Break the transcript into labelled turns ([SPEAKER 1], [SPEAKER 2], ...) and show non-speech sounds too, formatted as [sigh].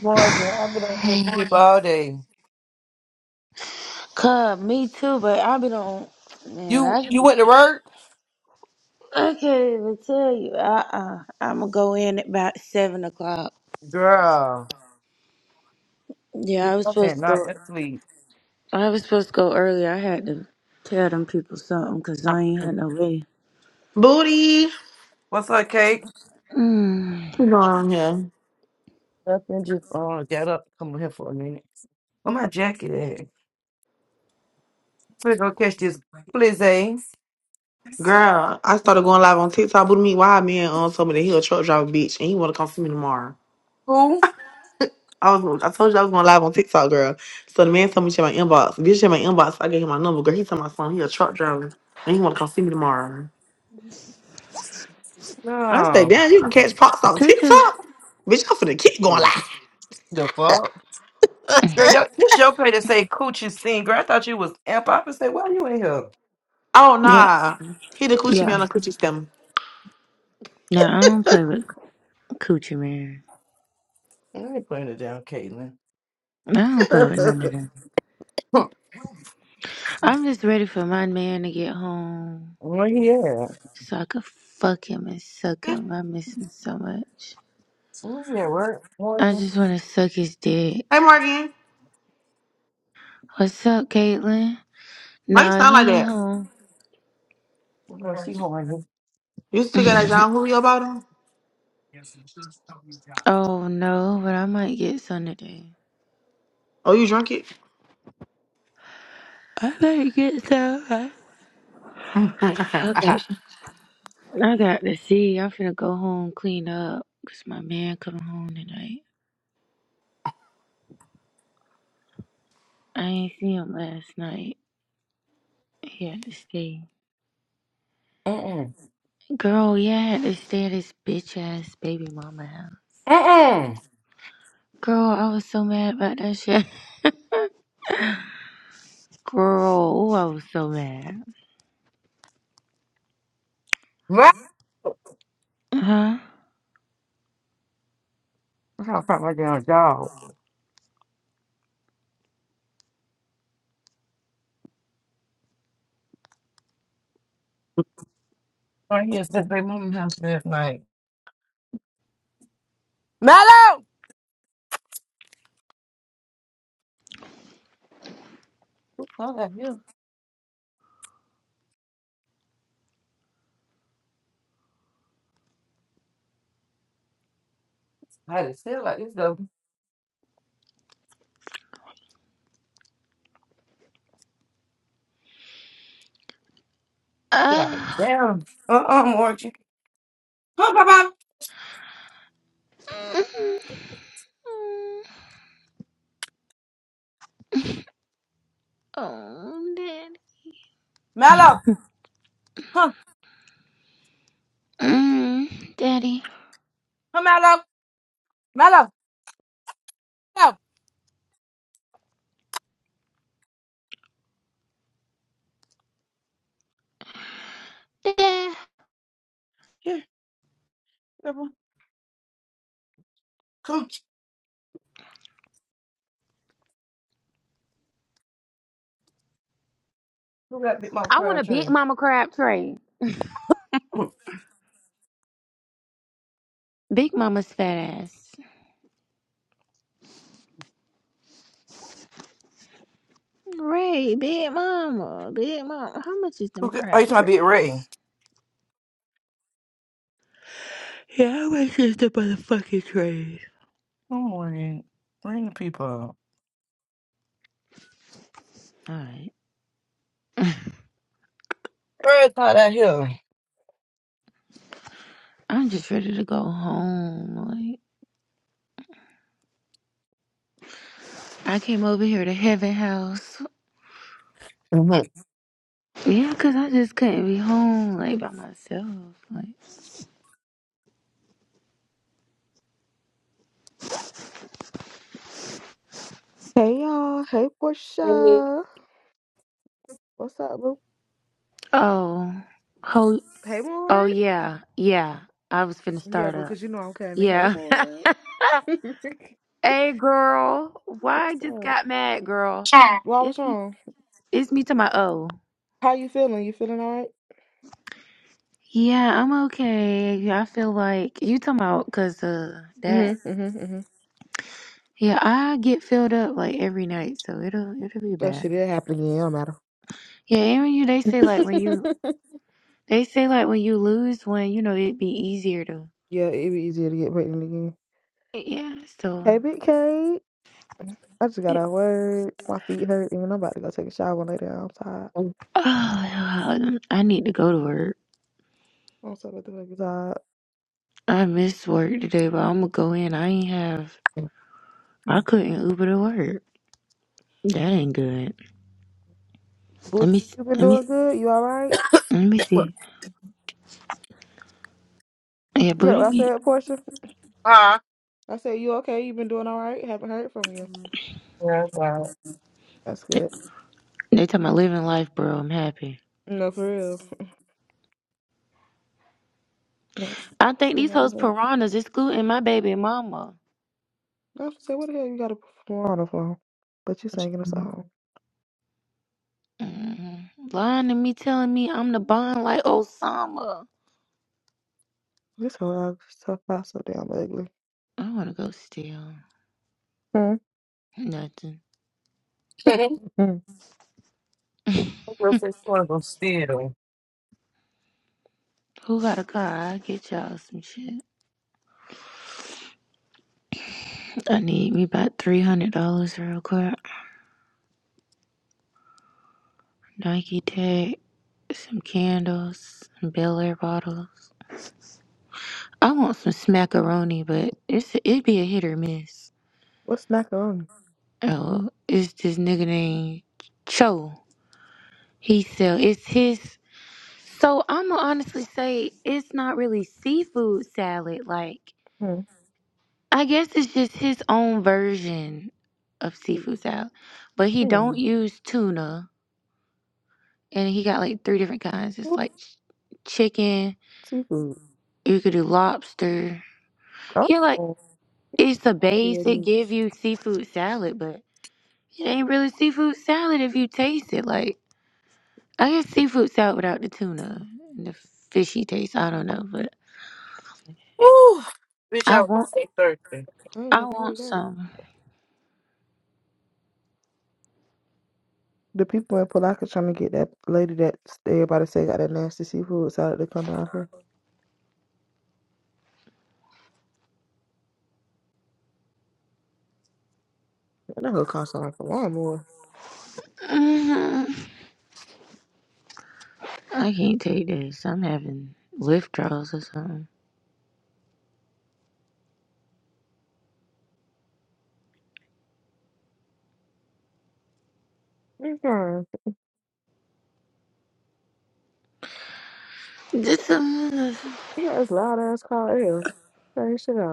[SPEAKER 1] Morning. I've been on here sleep all day.
[SPEAKER 2] Cub, me too, but I've been on. Man,
[SPEAKER 1] You
[SPEAKER 2] I
[SPEAKER 1] you
[SPEAKER 2] can't-
[SPEAKER 1] went to work?
[SPEAKER 2] I can't even tell you. Uh uh I'm gonna go in at about seven o'clock.
[SPEAKER 1] Girl.
[SPEAKER 2] Yeah,
[SPEAKER 1] You
[SPEAKER 2] I was
[SPEAKER 1] come
[SPEAKER 2] supposed to
[SPEAKER 1] not
[SPEAKER 2] go.
[SPEAKER 1] that sleep.
[SPEAKER 2] I was supposed to go early. I had to tell them people something because I ain't had no way.
[SPEAKER 3] Booty.
[SPEAKER 1] What's up, Kate?
[SPEAKER 2] Mm.
[SPEAKER 3] What's going on here?
[SPEAKER 1] Nothing, just uh got up, come on here for a minute. Where my jacket at? We're gonna catch this blizzy.
[SPEAKER 3] Girl, I started going live on TikTok. Booty me, why man um, told me that he a truck driver bitch and he wanna come see me tomorrow.
[SPEAKER 1] Who?
[SPEAKER 3] I was I told you I was going live on TikTok, girl. So the man told me to check my inbox. Bitch check my inbox, I gave him my number, girl. He told my son he a truck driver and he wanna come see me tomorrow. I said,
[SPEAKER 1] No.
[SPEAKER 3] damn, you can catch pops on
[SPEAKER 2] Tutu.
[SPEAKER 3] TikTok. Bitch, I'm finna keep going live.
[SPEAKER 1] The fuck? Girl, yo, it's your pay to say coochie scene. Girl, I thought you was amp. I was say, why you ain't here?
[SPEAKER 3] Oh
[SPEAKER 2] Yeah,
[SPEAKER 3] nah. He the coochie man
[SPEAKER 2] yeah.
[SPEAKER 3] on the coochie stem.
[SPEAKER 2] No, I don't play with coochie man.
[SPEAKER 1] I ain't putting it down, Caitlin.
[SPEAKER 2] I don't
[SPEAKER 3] [laughs]
[SPEAKER 2] play with none of them.
[SPEAKER 1] Huh.
[SPEAKER 2] I'm just ready for my man to get home
[SPEAKER 1] [laughs] Where he at?
[SPEAKER 2] so I could fuck him and suck
[SPEAKER 3] hey
[SPEAKER 2] him. I miss him so much.
[SPEAKER 1] Who's at work?
[SPEAKER 2] I
[SPEAKER 1] Morgan.
[SPEAKER 2] just want to suck his dick.
[SPEAKER 3] Morgan.
[SPEAKER 2] What's up, Caitlin?
[SPEAKER 3] Why you
[SPEAKER 2] Nah,
[SPEAKER 3] sound like
[SPEAKER 2] he ain't
[SPEAKER 3] that?
[SPEAKER 2] home.
[SPEAKER 1] No, she horny.
[SPEAKER 3] You still got that John Julio about him?
[SPEAKER 2] Oh no, but I might get some today.
[SPEAKER 3] Oh, you drunk it?
[SPEAKER 2] I might get some. I
[SPEAKER 3] [laughs] I
[SPEAKER 2] I
[SPEAKER 3] have.
[SPEAKER 2] got, I got to see. I'm finna go home, clean up, cause my man coming home tonight. I ain't see him last night. He had to stay.
[SPEAKER 1] Mm-mm.
[SPEAKER 2] Girl, yeah, I had to stay at his bitch ass baby mama house.
[SPEAKER 1] Mm-mm.
[SPEAKER 2] Girl, I was so mad about that shit. [laughs] Girl, oh, I was so mad.
[SPEAKER 1] I
[SPEAKER 2] Huh?
[SPEAKER 1] gotta put my damn job. I here since my mom house last night. Mellow! I got you. I just feel like this though. Yeah.
[SPEAKER 2] Ah.
[SPEAKER 1] Damn. Uh uh, more chicken. Huh, Papa.
[SPEAKER 2] [laughs] Oh, daddy.
[SPEAKER 1] Mellow! Huh?
[SPEAKER 2] Mm, daddy.
[SPEAKER 1] Huh, Mellow? Mellow! Mellow!
[SPEAKER 2] Dad.
[SPEAKER 1] Here, Papa. Come. Who got bit mouth
[SPEAKER 2] I want a
[SPEAKER 1] crowd
[SPEAKER 2] big
[SPEAKER 1] tree?
[SPEAKER 2] mama crab tray.
[SPEAKER 1] Hmm.
[SPEAKER 2] Big Mama's fat ass. Right, Big Mama. Big Mama. How much is them
[SPEAKER 1] Who got, oh, you
[SPEAKER 2] crab
[SPEAKER 1] trying to be
[SPEAKER 2] trays?
[SPEAKER 1] Ray?
[SPEAKER 2] Yeah, how much is the motherfucking train.
[SPEAKER 1] Good morning. Bring the people up.
[SPEAKER 2] Alright.
[SPEAKER 1] Ray caught out here.
[SPEAKER 2] I'm just ready to go home. Like I came over here to Heaven House.
[SPEAKER 1] Mm-hmm.
[SPEAKER 2] Yeah, 'cause I just couldn't be home like by myself. Like
[SPEAKER 4] Hey y'all, hey Portia. What's up, boo?
[SPEAKER 2] Oh. Oh
[SPEAKER 4] Hey
[SPEAKER 2] oh
[SPEAKER 4] Ward.
[SPEAKER 2] yeah. Yeah. I was finna
[SPEAKER 4] Yeah,
[SPEAKER 2] start
[SPEAKER 4] boo,
[SPEAKER 2] up.
[SPEAKER 4] because you know I'm coming. Hey
[SPEAKER 2] Yeah. [laughs]
[SPEAKER 4] Ward. [laughs] What's
[SPEAKER 2] Hey girl, why I just
[SPEAKER 4] up?
[SPEAKER 2] got mad, girl?
[SPEAKER 4] Well, what's
[SPEAKER 2] It's me.
[SPEAKER 4] wrong?
[SPEAKER 2] It's me to my oh.
[SPEAKER 4] How you feeling? You feeling all right?
[SPEAKER 2] Yeah, I'm okay. Yeah, I feel like you talking about cause uh that.
[SPEAKER 4] Mm-hmm, mm-hmm, mm-hmm.
[SPEAKER 2] Yeah, I get filled up like every night, so it'll it'll be
[SPEAKER 4] That
[SPEAKER 2] bad.
[SPEAKER 4] shit did happen again. It don't matter.
[SPEAKER 2] Yeah, and when you they say like when you
[SPEAKER 4] [laughs]
[SPEAKER 2] they say like when you lose one, you know it'd be easier to.
[SPEAKER 4] yeah, it'd be easier to get pregnant again.
[SPEAKER 2] Yeah, so
[SPEAKER 4] Hey, Big Kate. I just got
[SPEAKER 2] it,
[SPEAKER 4] out of work. My feet hurt, and I'm about to go take a shower later. I'm tired.
[SPEAKER 2] oh, yeah, I need to go to work.
[SPEAKER 4] I'm so motherfucking tired.
[SPEAKER 2] I missed work today, but I'm gonna go in. I ain't have. I couldn't Uber to work. That ain't good.
[SPEAKER 4] Boo,
[SPEAKER 2] Let me, s-
[SPEAKER 4] you been
[SPEAKER 2] let me,
[SPEAKER 4] doing good? You all right?
[SPEAKER 2] let me see. Yeah,
[SPEAKER 4] You heard
[SPEAKER 2] booty
[SPEAKER 4] what I
[SPEAKER 2] meat.
[SPEAKER 4] said, Portia?
[SPEAKER 1] Uh,
[SPEAKER 4] I said, you okay? You been doing all right? Haven't heard from you.
[SPEAKER 1] Yeah, I got
[SPEAKER 4] That's good.
[SPEAKER 2] They talking about living life, bro. I'm happy.
[SPEAKER 4] No, for real. Yeah.
[SPEAKER 2] I think
[SPEAKER 4] See
[SPEAKER 2] these
[SPEAKER 4] my
[SPEAKER 2] hoes
[SPEAKER 4] little-
[SPEAKER 2] piranhas excluding my baby mama.
[SPEAKER 4] I was say, what the hell you got to perform on the phone? But you singing a song.
[SPEAKER 2] hmm Lying to me, telling me I'm the bond like Osama.
[SPEAKER 4] This whole album's so far so damn ugly.
[SPEAKER 2] I want to go steal.
[SPEAKER 4] Hmm.
[SPEAKER 2] Nothing.
[SPEAKER 1] i [laughs]
[SPEAKER 4] hmm.
[SPEAKER 1] I'm gonna say sort of a steal.
[SPEAKER 2] Who got a car? I'll get y'all some shit. I need me about $300 real quick. Nike tag, some candles, some Bel Air bottles. I want some smackaroni, but it's it'd be a hit or miss.
[SPEAKER 4] What's macaroni?
[SPEAKER 2] Oh, it's this nigga named Cho. He sell it's his. So I'm gonna honestly say it's not really seafood salad. Like
[SPEAKER 4] Hmm.
[SPEAKER 2] I guess it's just his own version of
[SPEAKER 4] e-
[SPEAKER 2] seafood salad, but he
[SPEAKER 4] Hmm.
[SPEAKER 2] don't use tuna, and he got like three different kinds. It's
[SPEAKER 4] What
[SPEAKER 2] like ch- chicken.
[SPEAKER 4] seafood?
[SPEAKER 2] You could do lobster. Yeah, like
[SPEAKER 4] Oh, it's
[SPEAKER 2] it's a
[SPEAKER 4] a variety
[SPEAKER 2] base.
[SPEAKER 4] of
[SPEAKER 2] It give
[SPEAKER 4] meats.
[SPEAKER 2] you seafood salad, but it ain't really seafood salad if you taste it. Like. I guess seafood salad without the tuna and the fishy taste. I don't know, but
[SPEAKER 1] Woo! Bitch,
[SPEAKER 2] I
[SPEAKER 1] I was
[SPEAKER 2] want
[SPEAKER 1] so thirsty.
[SPEAKER 4] I ain't
[SPEAKER 2] I
[SPEAKER 4] never
[SPEAKER 2] want
[SPEAKER 4] heard that.
[SPEAKER 2] some.
[SPEAKER 4] The people in Palaka trying to get that lady that everybody say got that nasty seafood salad to come down for. And that whole cost like a lawnmower.
[SPEAKER 2] hmm I can't take this. I'm having withdrawals or something.
[SPEAKER 4] Okay.
[SPEAKER 2] Just some.
[SPEAKER 4] Yeah, it's loud ass car hell. Turn your shit off.